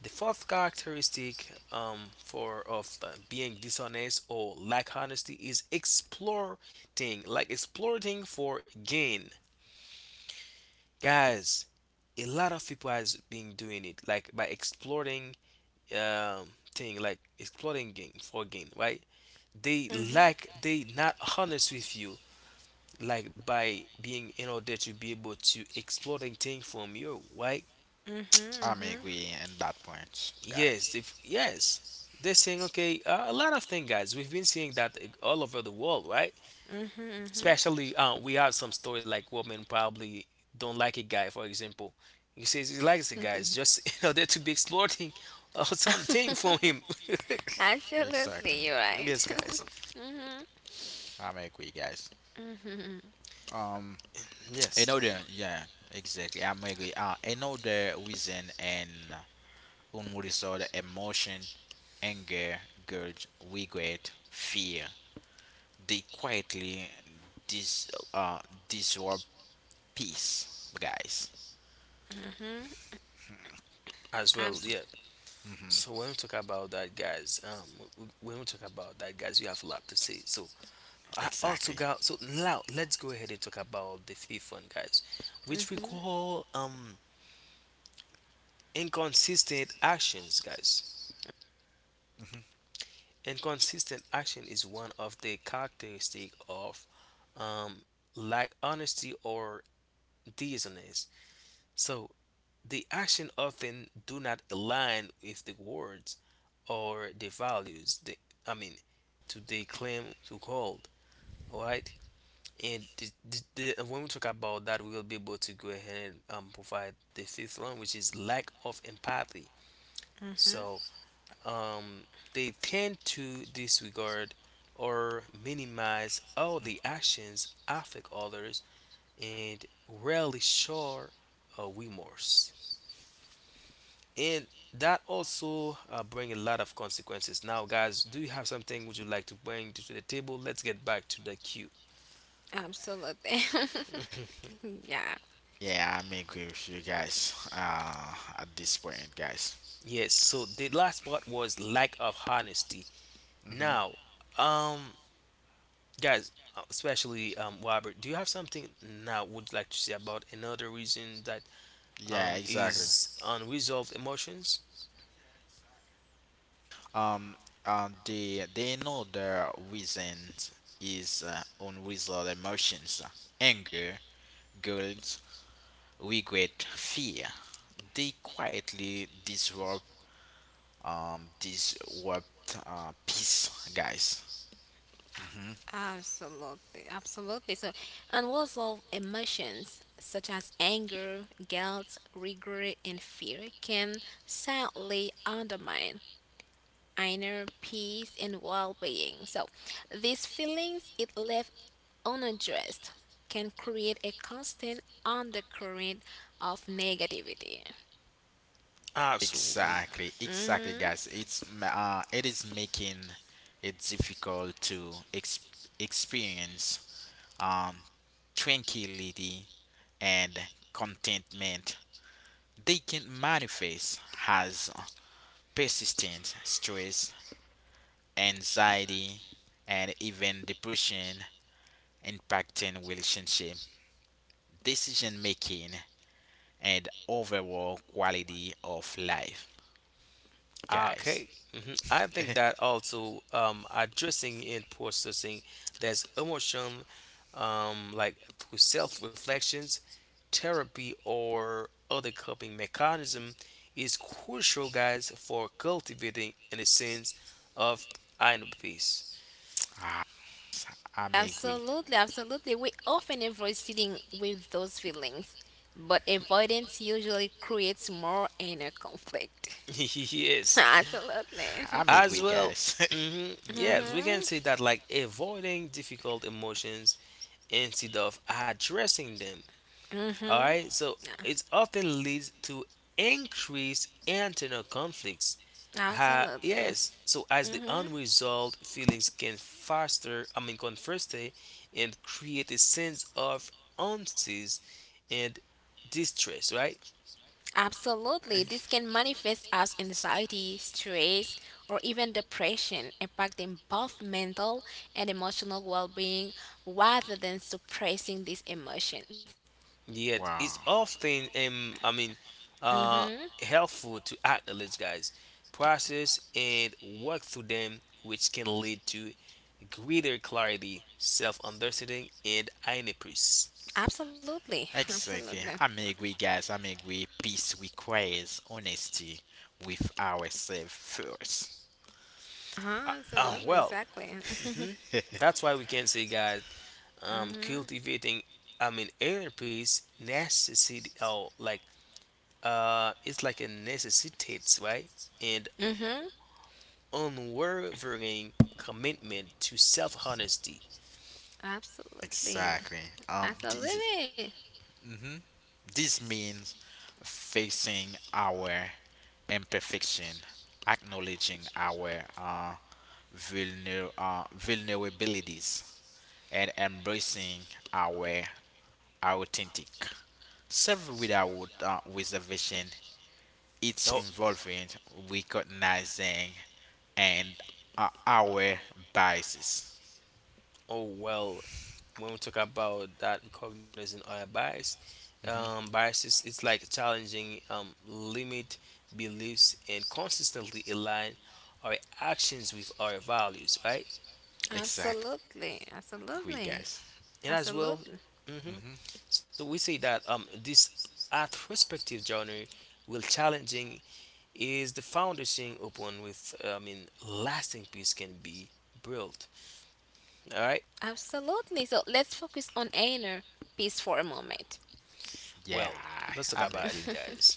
The fourth characteristic for of the being dishonest or lack honesty is exploiting, like exploiting for gain, guys. A lot of people has been doing it, like by exploiting um, thing, like exploiting gain for gain, right? They
Mm-hmm.
like they not honest with you like by being in order to be able to exploiting things from you right
Mm-hmm.
I'm
Mm-hmm.
agree in that point,
yes
guys.
they, yes they're saying okay a lot of things guys we've been seeing that all over the world right
Mm-hmm.
especially we have some story like women probably don't like a guy for example he says he likes the guys just in order to be exploiting something from him
Absolutely,
Exactly.
you're right.
yes guys
Mm-hmm.
I'm agree, guys.
Mm-hmm.
Um,
yes
another, yeah, exactly. I'm agree. Another reason and unresolved emotion, anger, guilt, regret, fear. They quietly dis disrupt peace, guys.
Mm-hmm.
as well
Abs-
yeah.
Hmm
So when we talk about that, guys, when we talk about that, guys, we have a lot to say. So I also
Exactly.
got so now let's go ahead and talk about the fifth one, guys, which we
mm-hmm.
call inconsistent actions, guys.
hmm
Inconsistent action is one of the characteristic of um like honesty or dishonest. So the action often do not align with the words or the values. They, I mean, to they claim to hold. All right, and the when we talk about that, we will be able to go ahead and provide the fifth one, which is lack of empathy.
Mm-hmm.
So um, they tend to disregard or minimize all the actions affect others and rarely show remorse. And that also bring a lot of consequences now guys do you have something would you like to bring to the table let's get back to the queue
Absolutely. Yeah.
Yeah, I'm agree with you guys. At this point, guys.
yes so the last part was lack of honesty
Mhm.
now um guys especially Robert do you have something now would you like to say about another reason that
Yeah, exactly.
is unresolved emotions
Um, they know their reasons is unresolved emotions, anger, guilt, regret, fear. They quietly disrupt peace, guys. Hmm
Absolutely, absolutely. So, and was of emotions such as anger, guilt, regret, and fear can sadly undermine inner peace and well-being. So, these feelings, if left unaddressed, can create a constant undercurrent of negativity.
absolutely.
Exactly, exactly,
Mm-hmm.
guys. It is making it difficult to experience um tranquility and contentment. They can manifest as persistent stress, anxiety, and even depression, impacting relationship, decision making, and overall quality of life, guys.
Okay. Hmm. I think that also addressing and processing there's emotion like through self-reflections, therapy, or other coping mechanism is crucial, guys, for cultivating in a sense of inner peace.
Ah, I'm agree.
Absolutely, absolutely. We often avoid sitting with those feelings, but avoidance usually creates more inner conflict.
Yes.
Absolutely.
I'm
As
agree,
well,
guys.
hmm
Mhm.
yes, we can
Mhm.
say that like avoiding difficult emotions instead of addressing them all
Mhm.
right, so it often leads to increased internal conflicts.
Absolutely.
Yes, so as the
Mhm.
unresolved feelings can faster, conversely, and create a sense of unease and distress, right?
Absolutely. This can manifest as anxiety, stress, or even depression, impacting both mental and emotional well-being rather than suppressing these emotions.
Yet it's
Wow.
often uh
Mhm.
helpful to acknowledge, guys, process and work through them, which can lead to greater clarity, self-understanding and inepus.
Absolutely.
Exactly.
Absolutely.
I'm agree, guys. I'm agree. Peace requires honesty with ourselves first.
Uh,
Uh-huh,
uh,
absolutely,
well,
exactly.
hmm that's why we can say, guys,
Mhm.
cultivating, inner peace necessity. Oh, like it's like a necessitates, right? And
Mhm.
unwavering commitment to self-honesty.
Absolutely.
Exactly. Um, this,
Absolutely.
hmm this means facing our imperfection, acknowledging our vulnerabilities, and embracing our authentic self without reservation. It's
Oh,
involving recognizing and our biases.
oh well. When we talk about that, recognizing our
Hmm
biases, it's like challenging limit beliefs and consistently align our actions with our values, right?
Exactly,
Absolutely. Absolutely.
guys.
And as well,
Absolutely.
Hmm
hmm so we say that, this retrospective journey will challenging is the foundation upon with lasting peace can be built. All right.
Absolutely. So let's focus on inner peace for a moment.
Yeah,
Well, let's talk
I'm
about it,
agree.
guys.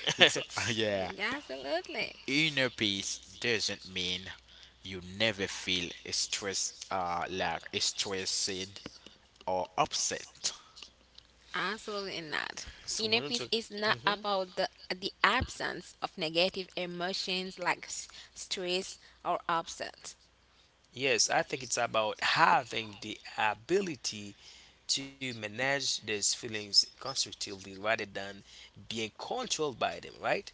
it's yeah.
Yeah, absolutely.
Inner peace doesn't mean you never feel stressed, stressed or upset.
Absolutely not.
So when
Inner
we talk,
peace is not
mhm,
about the absence of negative emotions like stress or upset.
yes, I think it's about having the ability to manage these feelings constructively rather than being controlled by them, right?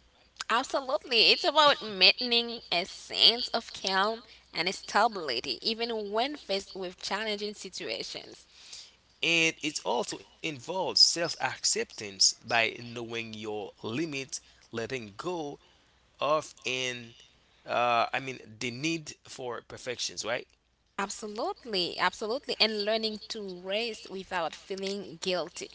Absolutely. It's about maintaining a sense of calm and stability even when faced with challenging situations.
And it also involves self acceptance by knowing your limits, letting go of, and the need for perfections, right?
Absolutely, absolutely. And learning to rest without feeling guilty.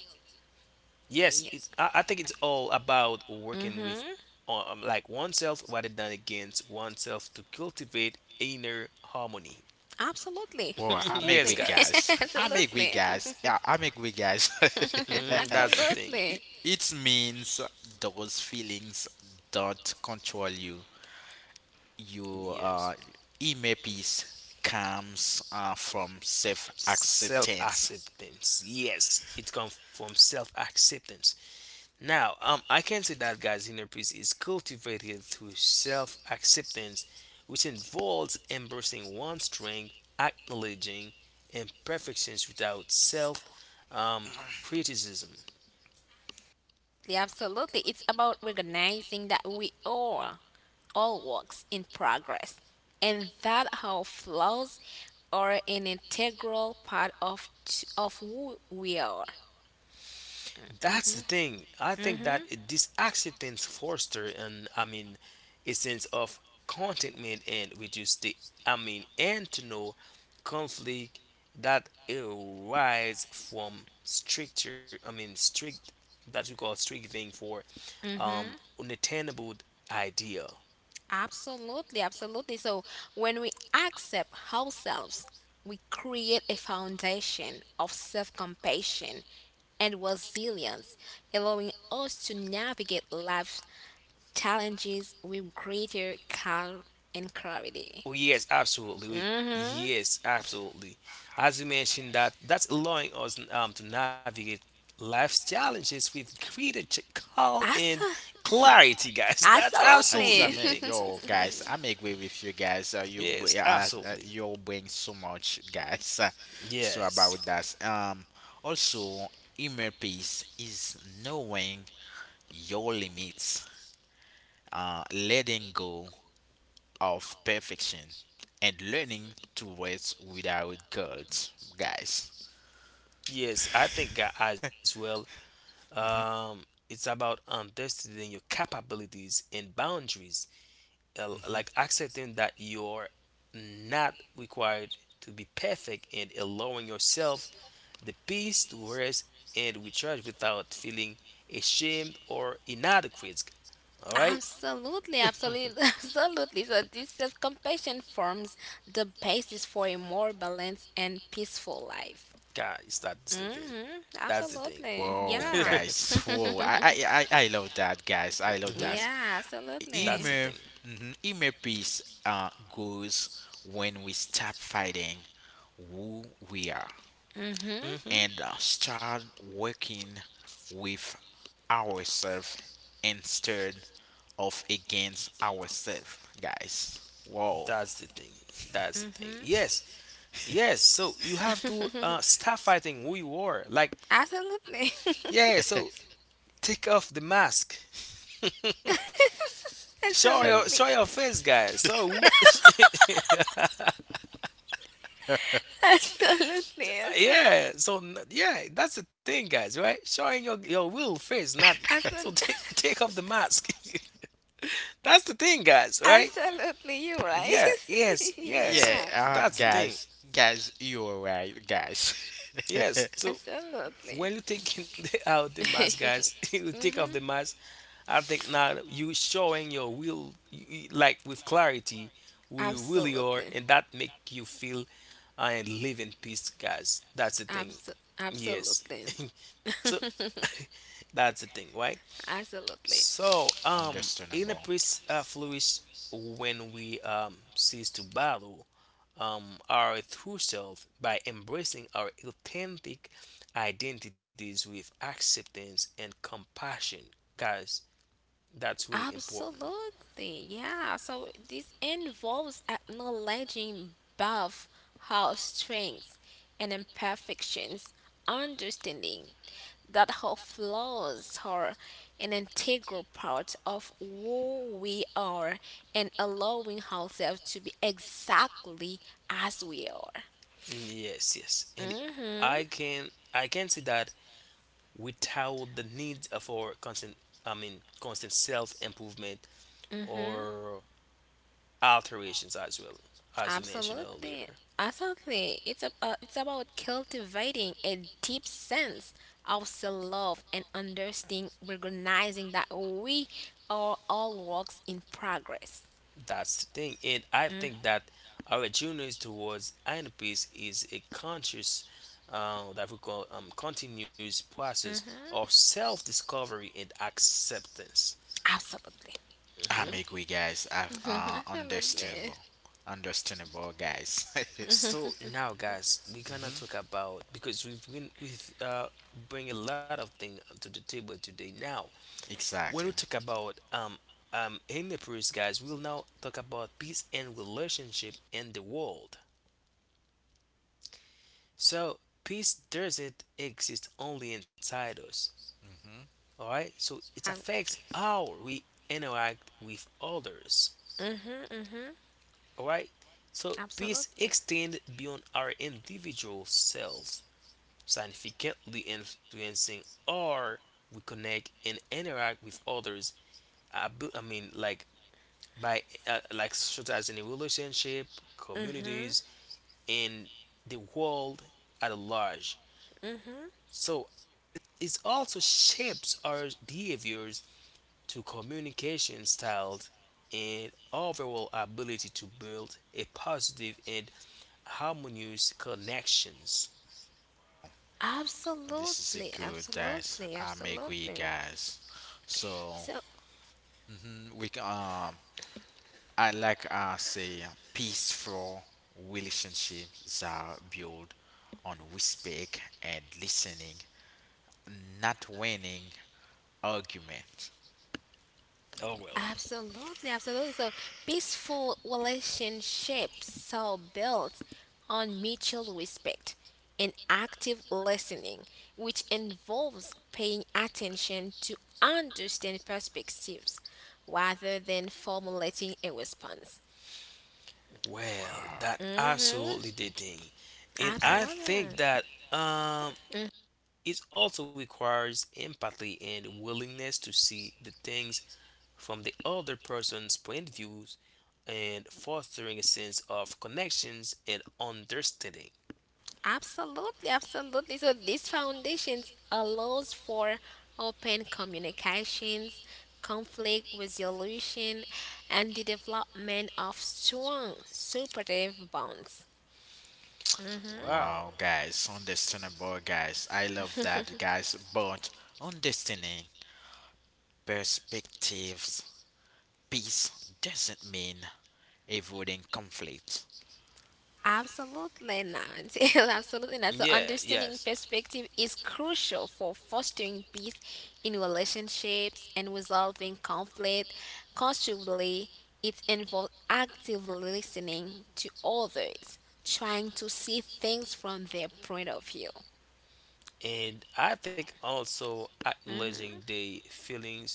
Yes, it.
Yeah.
I, I think it's all about working with,
Mm-hmm.
like oneself rather than against oneself to cultivate inner harmony.
Absolutely,
Boy, I make
Yes,
absolutely,
with
guys.
guys. I make with
absolutely,
guys. Yeah, I make with guys.
Mhm, that's the thing.
It
absolutely.
means those feelings don't control you. Your
Yes.
inner peace comes from self
Self
acceptance.
acceptance. Yes, it comes from self acceptance. Now, I can say that God's inner peace is cultivated through self acceptance, which involves embracing one's strength, acknowledging imperfections without self criticism.
Yeah, absolutely. It's about recognizing that we are all works in progress and that our flaws are an integral part of of who we are.
That's the thing. I think that these accidents foster, and a sense of contentment, and reduce the, and to know conflict that arise from stricter I mean strict, that we call strict thing for
Mm-hmm.
unattainable idea.
Absolutely, absolutely. So when we accept ourselves, we create a foundation of self compassion and resilience, allowing us to navigate life's challenges with greater calm and clarity.
Oh, yes, absolutely.
Mm-hmm.
Yes, absolutely. As you mentioned, that that's allowing us to navigate life's challenges with greater calm and
Absolutely.
clarity, guys. That's
I
absolutely the
Absolutely,
thing.
submit, yo guys, I'm agree with you guys.
Yes, absolutely.
You bring so much, guys. So about
Yes,
that. Also, inner peace is knowing your limits, letting go of perfection, and learning to rest without guilt, guys.
yes. I think, as well.
Hmm
Um, it's about understanding your capabilities and boundaries, like accepting that you're not required to be perfect and allowing yourself the peace to rest and recharge without feeling ashamed or inadequate. All right.
absolutely, absolutely. Absolutely. So this self-compassion forms the basis for a more balanced and peaceful life.
Guys, that's the thing.
Mm-hmm.
That's the
Absolutely.
Whoa,
thing.
Yeah.
guys! Whoa, I love that, guys. I love
hmm
that.
Yeah,
That's
absolutely.
the thing.
Inner, mhm, inner peace goes when we stop fighting who we are
Mm-hmm.
hmm
and start working with ourselves instead of against ourselves, guys. Whoa.
That's the thing. That's the thing.
Mm-hmm.
Yes, yes. So you have to, stop fighting who you are. Like,
Absolutely.
yeah. So take off the mask.
Have—
Absolutely.
Show your face, guys. So
Absolutely. Absolutely.
yeah, so yeah, that's the thing, guys. Right, showing your real face. Not so,
Absolutely.
take take off the mask. That's the thing, guys. Right?
Absolutely. You're right.
Yeah. Yes. Yes.
yeah,
Yeah.
That's the thing.
guys, guys, you're right, guys.
Yes. So
Absolutely.
when you taking out the mask, guys, you take off the
hmm
mask. I think now you showing your will like with clarity who you really are,
Absolutely.
and that make you feel, and live in peace, guys. That's the thing. Yes.
Absolutely.
So that's the thing, right?
Absolutely.
So inner
Understandable.
peace, flourish when we cease to battle our true self by embracing our authentic identities with acceptance and compassion, guys. That's really important.
Absolutely. Yeah. So this involves acknowledging both our strengths and imperfections, understanding that our flaws are an integral part of who we are, and allowing ourselves to be exactly as we are.
Yes, yes. And
hmm
I can see that without the need for constant I mean constant self improvement
Mm-hmm.
or alterations as well, as you mentioned
Absolutely.
earlier.
Absolutely. It's a, it's about cultivating a deep sense of self and understanding, recognizing that we are all works in progress.
That's the thing. And I think that our journey towards inner peace is a conscious, that we call, continuous process
Mm-hmm.
of self-discovery and acceptance.
Absolutely.
I'm agree, guys.
Mhm, absolutely.
Understandable. Understandable, guys.
So now, guys, we're gonna talk
hmm
about, because we've been we've bring a lot of things to the table today. Now, when we
Exactly.
talk about in the priest, guys, we'll now talk about peace and relationship in the world. So peace doesn't exist only inside us.
hmm
All right, so it
Um,
affects how we interact with others.
mm-hmm, mm-hmm.
All right, so peace
Absolutely.
extends beyond our individual selves, significantly influencing or we connect and interact with others, I, be- I mean like by, like such as in a relationship,
Mm-hmm.
communities, and the world at large.
Mm-hmm.
So it also shapes our behaviors to communication styles and overall ability to build a positive and harmonious connections.
This is a
Absolutely.
good guys.
Absolutely.
I'm agree,
Absolutely.
guys. So
So
mhm, we can, um, I like I say peaceful relationships are built on respect and listening, not winning argument.
Oh well.
absolutely, absolutely. So peaceful relationships are built on mutual respect and active listening, which involves paying attention to understand perspectives rather than formulating a response.
Well,
Wow,
that absolutely
Mm-hmm.
the thing. And
I
I
Absolutely.
love.
Mm-hmm.
think that um it also requires empathy and willingness to see the things from the other person's point of views, and fostering a sense of connections and understanding.
Absolutely, absolutely. So these foundations allows for open communications, conflict resolution, and the development of strong supportive bonds. Mm-hmm.
Wow.
Wow, guys, understandable, guys. I love that, guys. But understanding perspectives, peace doesn't mean avoiding conflict.
Absolutely not. Absolutely not. So
Yeah,
understanding
yes.
perspective is crucial for fostering peace in relationships and resolving conflict constructively. It involves actively listening to others, trying to see things from their point of view.
And I think also acknowledging the feelings,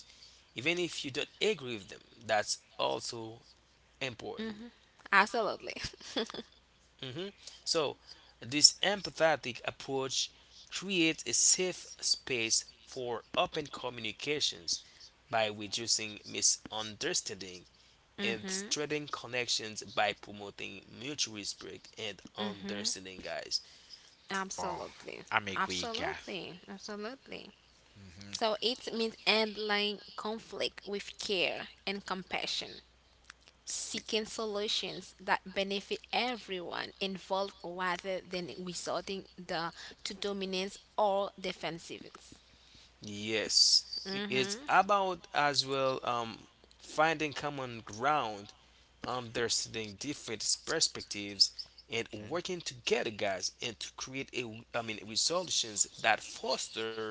even if you don't agree with them, that's also important.
Absolutely.
hmm So, this empathetic approach creates a safe space for open communications by reducing misunderstanding and
Mhm.
strengthening connections by promoting mutual respect and
Mm,
understanding, guys.
Wrong.
absolutely.
I'm a quick guy.
Absolutely. Absolutely.
Hmm
So it means handling conflict with care and compassion, seeking solutions that benefit everyone involved rather than to dominance or defensiveness.
Yes, it's
hmm
about as well, finding common ground, understanding different perspectives, and
Okay.
working together, guys, and to create a, resolutions that foster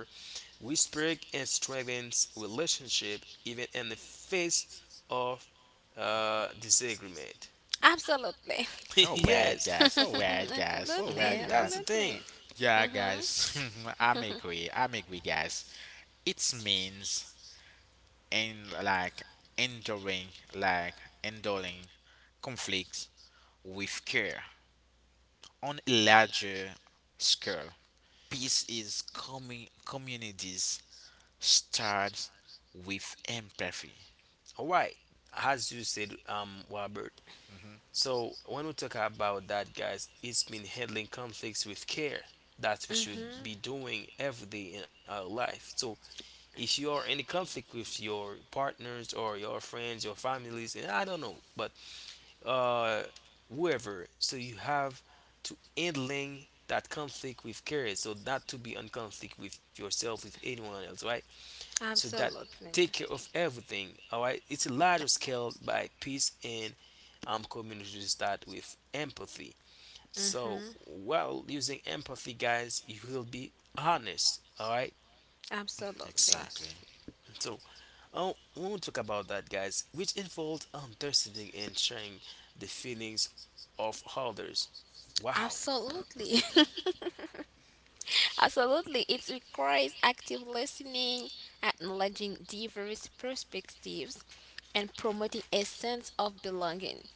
respect and strengthens relationship even in the face of, disagreement.
Absolutely.
All right,
Yes,
guys. All right, guys. All
Absolutely.
right, guys.
that's the thing.
Absolutely.
Yeah, guys. I'm a quick. I'm a quick, guys. It means and enduring, like enduring conflicts with care on a larger scale. Peace is coming. Communities start with empathy.
All right, as you said, Robert.
Hmm
So when we talk about that, guys, it's been handling conflicts with care that we should be
hmm
doing every day in our life. So if you are in a conflict with your partners or your friends, your families, and I don't know, but, uh, whoever, so you have to handling that conflict with care, so not to be in conflict with yourself, with anyone else, right? So that
Absolutely.
take care of everything. All right, it's a larger scale by peace, and community to start with empathy. So
hmm
while using empathy, guys, you will be honest. All right,
Absolutely.
Exactly.
so oh, we will talk about that, guys, which involves understanding and sharing the feelings of others. Wow.
Absolutely. Absolutely. It requires active listening, acknowledging diverse perspectives, and promoting a sense of belonging.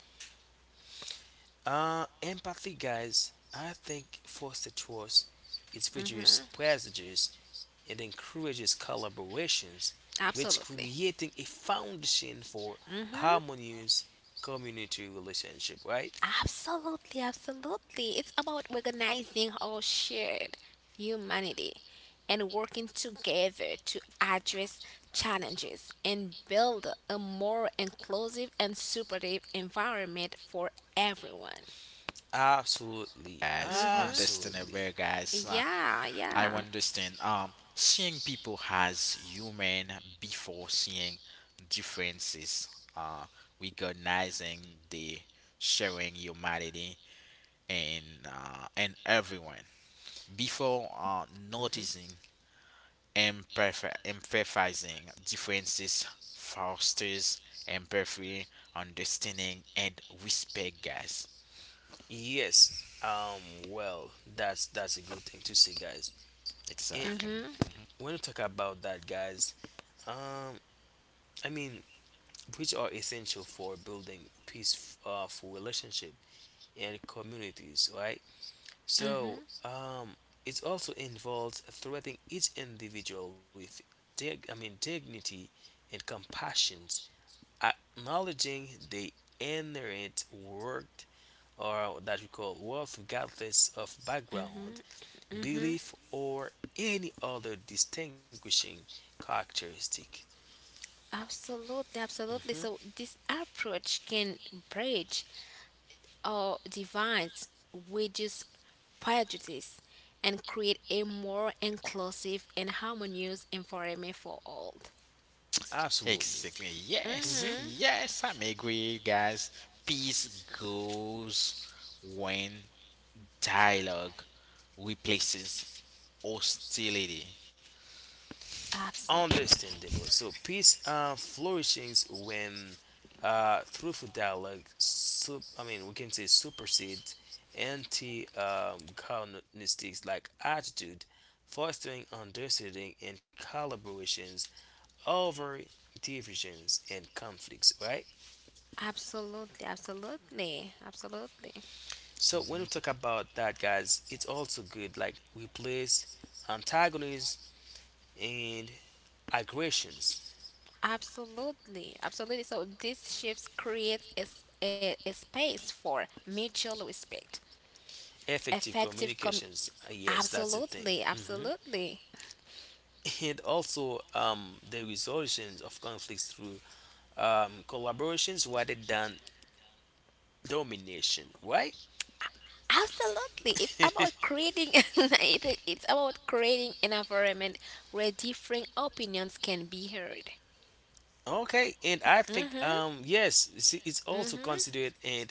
Empathy, guys, I think foster trust. It reduces prejudice and encourages collaborations, which
Absolutely.
creating a foundation for
Mm-hmm.
harmonious community relationship. Right?
Absolutely, absolutely. It's about recognizing our shared humanity and working together to address challenges and build a more inclusive and supportive environment for everyone.
Absolutely,
Guys,
absolutely.
understandable, guys. Ah,
Yeah,
I
yeah.
understand. Seeing people as human before seeing differences, uh, recognizing the sharing humanity and everyone before
Mhm.
noticing empathy, empathizing differences fosters empathy, understanding, and respect, guys.
Yes. Um. Well, that's a good thing to say, guys. And
Exactly.
Mhm.
Mm-hmm.
when we talk about that, guys, um, I mean, which are essential for building peaceful, for relationship and communities, right?
Mhm.
So, it also involves threatening each individual with dignity and compassion, acknowledging the inherent worth, or that we call worth, regardless of background, belief, or any other distinguishing characteristic.
Absolutely, absolutely.
Mhm,
So this approach can bridge or divides, wages prejudice, and create a more inclusive and harmonious environment for all.
absolutely.
Exactly. Yes.
Mhm.
Mm-hmm.
Yes, I'm agree, guys. Peace goes when dialogue replaces hostility.
Absolutely.
Understandable. So peace, flourishes when, truthful dialogue, we can say supersedes antagonistic like attitude, fostering understanding and collaborations over divisions and conflicts, right?
Absolutely, absolutely, absolutely,
So when we
Hmm
talk about that, guys, it's also good like replace antagonists and aggressions,
absolutely, absolutely. So these shifts create a space for mutual respect,
effective
effective com.
communications. Yes, that's the thing.
absolutely,
Mhm.
absolutely.
And also, the resolutions of conflicts through, collaborations rather than domination, right?
Absolutely. It's about creating it's about creating an environment where different opinions can be heard.
Okay, and I think,
Mhm.
yes, it's also
Mhm.
considered an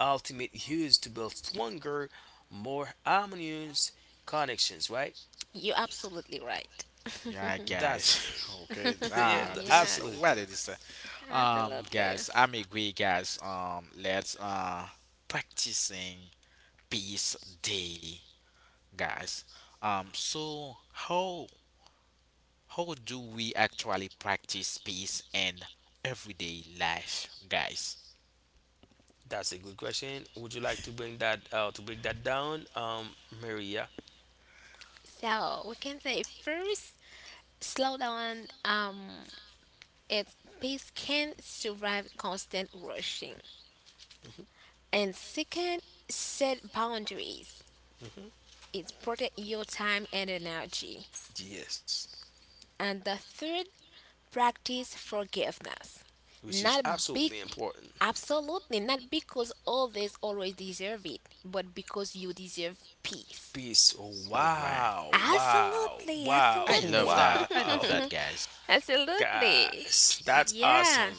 ultimate use to build stronger more harmonious connections, right?
You're absolutely right.
Yeah,
That's the
guys. Okay.
thing. Yeah, the
Nah, this is
Yeah.
absolute thing.
what it is.
Absolutely.
Guys, I'm agree, guys. Let's practicing peace daily, guys. So how do we actually practice peace in everyday life, guys?
That's a good question. Would you like to bring that, to break that down, Maria?
So, we can say first slow down its pace can survive constant rushing. And second, set boundaries.
hmm
It's protect your time and energy.
yes,
And the third, practice forgiveness.
which is
Not be
absolutely important.
absolutely not because others always deserve it, but because you deserve peace.
Peace. Oh,
All right.
wow. Wow.
Absolutely,
Wow.
I love
absolutely.
that. I love
Wow.
that, guys.
Absolutely.
Guys, that's awesome.
Yeah.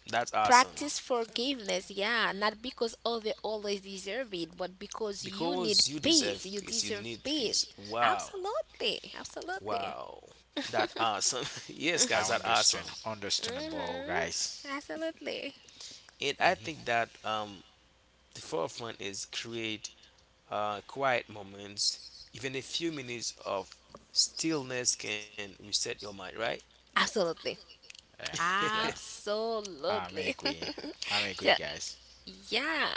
That's awesome.
Practice forgiveness, yeah. Not because others always deserve it, but because you need
Because you
peace.
deserve
You
peace, you
deserve
need
peace.
peace. Wow.
Absolutely, absolutely.
Wow. That awesome. Yes,
I
guys, that awesome.
understand. Understandable,
hmm
guys.
Absolutely.
And I
Hmm
think that the forefront is create, uh, quiet moments. Even a few minutes of stillness can reset your mind, right?
Absolutely.
Yeah. Yeah. I'm
Absolutely.
agree. I'm agree,
So,
guys.
yeah,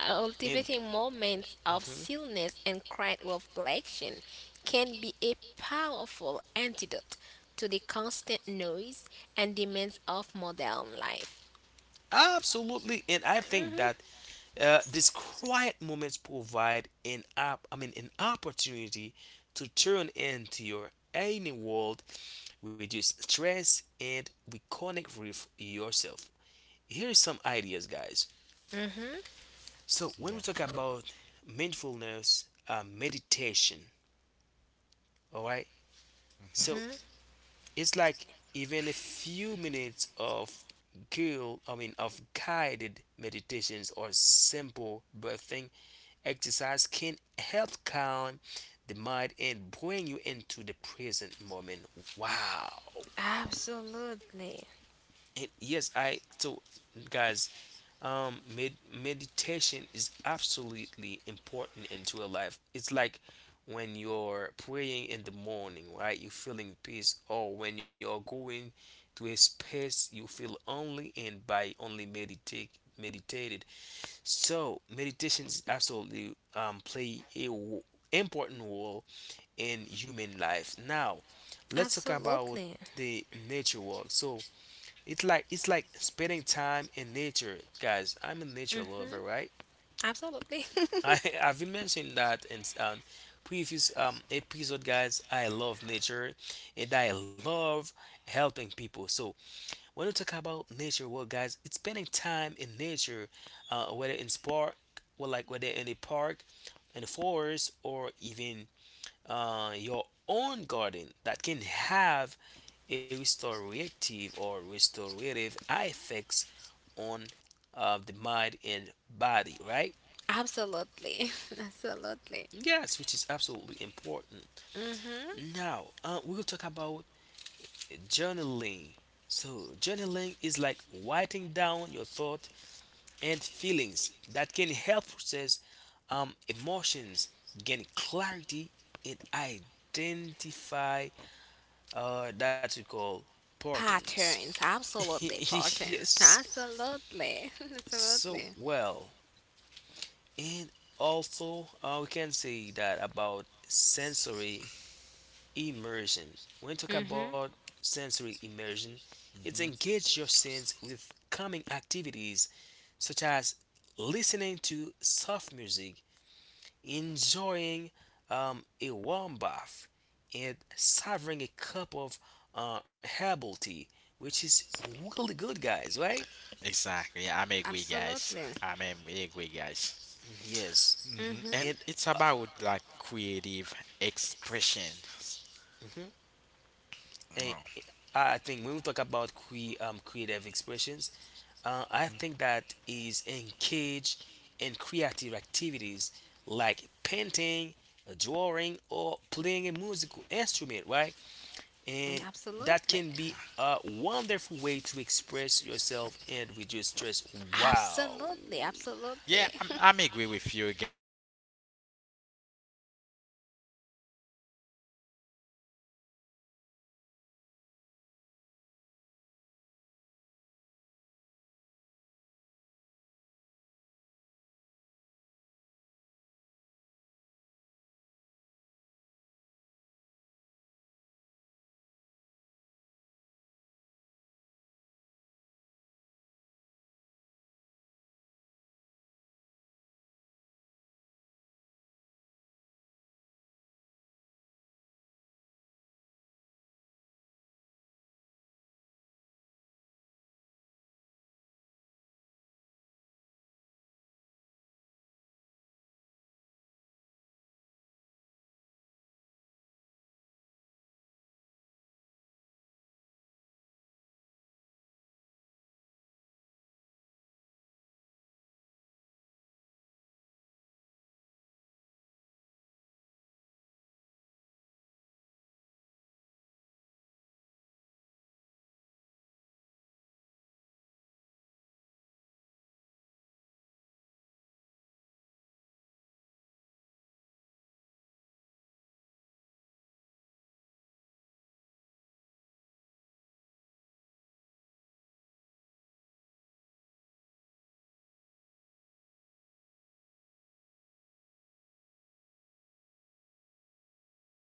And
cultivating moments of
mhm.
stillness and quiet reflection can be a powerful antidote to the constant noise and demands of modern life.
Absolutely, and I think
Mhm.
that, these quiet moments provide an an opportunity to turn into your inner world, reduce stress, and reconnect with yourself. Here's some ideas, guys.
Mhm.
So when
Yeah.
we talk about mindfulness, meditation, all right.
hmm
So
Mhm.
it's like even a few minutes of guild I mean of guided meditations or simple breathing exercise can help calm the mind and bring you into the present moment. Wow.
Absolutely.
And yes, I so, guys, meditation is absolutely important into your life. It's like when you're praying in the morning, right, you're feeling peace, or when you're going to a space you feel only in by only meditated. So meditation is absolutely, play a important role in human life. Now let's talk about
Absolutely.
the nature walk. So it's like spending time in nature, guys. I'm a nature
Mhm.
lover, right?
Absolutely.
I I've been mentioning that in, previous episode, guys. I love nature, and I love helping people. So when we talk about nature, well, guys, it's spending time in nature, uh, whether in park, whether in a park, in the forest, or even, your own garden that can have a restorative effects on, the mind and body, right?
Absolutely. Absolutely.
Yes, which is absolutely important.
Mhm.
Now, we will talk about, journaling. So journaling is like writing down your thoughts and feelings that can help process, emotions, gain clarity, and identify, that we call, patterns.
Patterns,
Yes.
absolutely,
So,
absolutely.
well, and also, we can say that about sensory immersion. When we talk
Mhm.
about sensory immersion, it's
hmm
engage your sense with calming activities such as listening to soft music, enjoying, a warm bath, and savoring a cup of, herbal tea, which is really good, guys, right?
Exactly. I'm agree,
Absolutely.
guys. I'm agree, guys.
Yes.
Hmm
Mhm.
And
And,
it's about like creative expressions.
mhm. And
Oh.
I think when we talk about creative expressions, uh, I think that is engage in creative activities like painting, drawing, or playing a musical instrument, right? And that
Absolutely.
can be a wonderful way to express yourself and reduce stress. Wow.
Absolutely. Absolutely.
Yeah, I'm, I'm agree with you guys, but
Absolutely,
the
Absolutely.
because
time
you
is
know,
up,
guys, you know that I'm a
guys.
piano player, right? So when
Can
it's
you
come
hear
to music,
hear
guys,
me,
it's
guys?
bring peace in every moment when you
The
feel
time is up,
stress
guys. We
or
have to go.
anxiety, anything like that. Just go ahead and take an instrument, music, try to play a song that you know. What?
I'm soon back. I think it's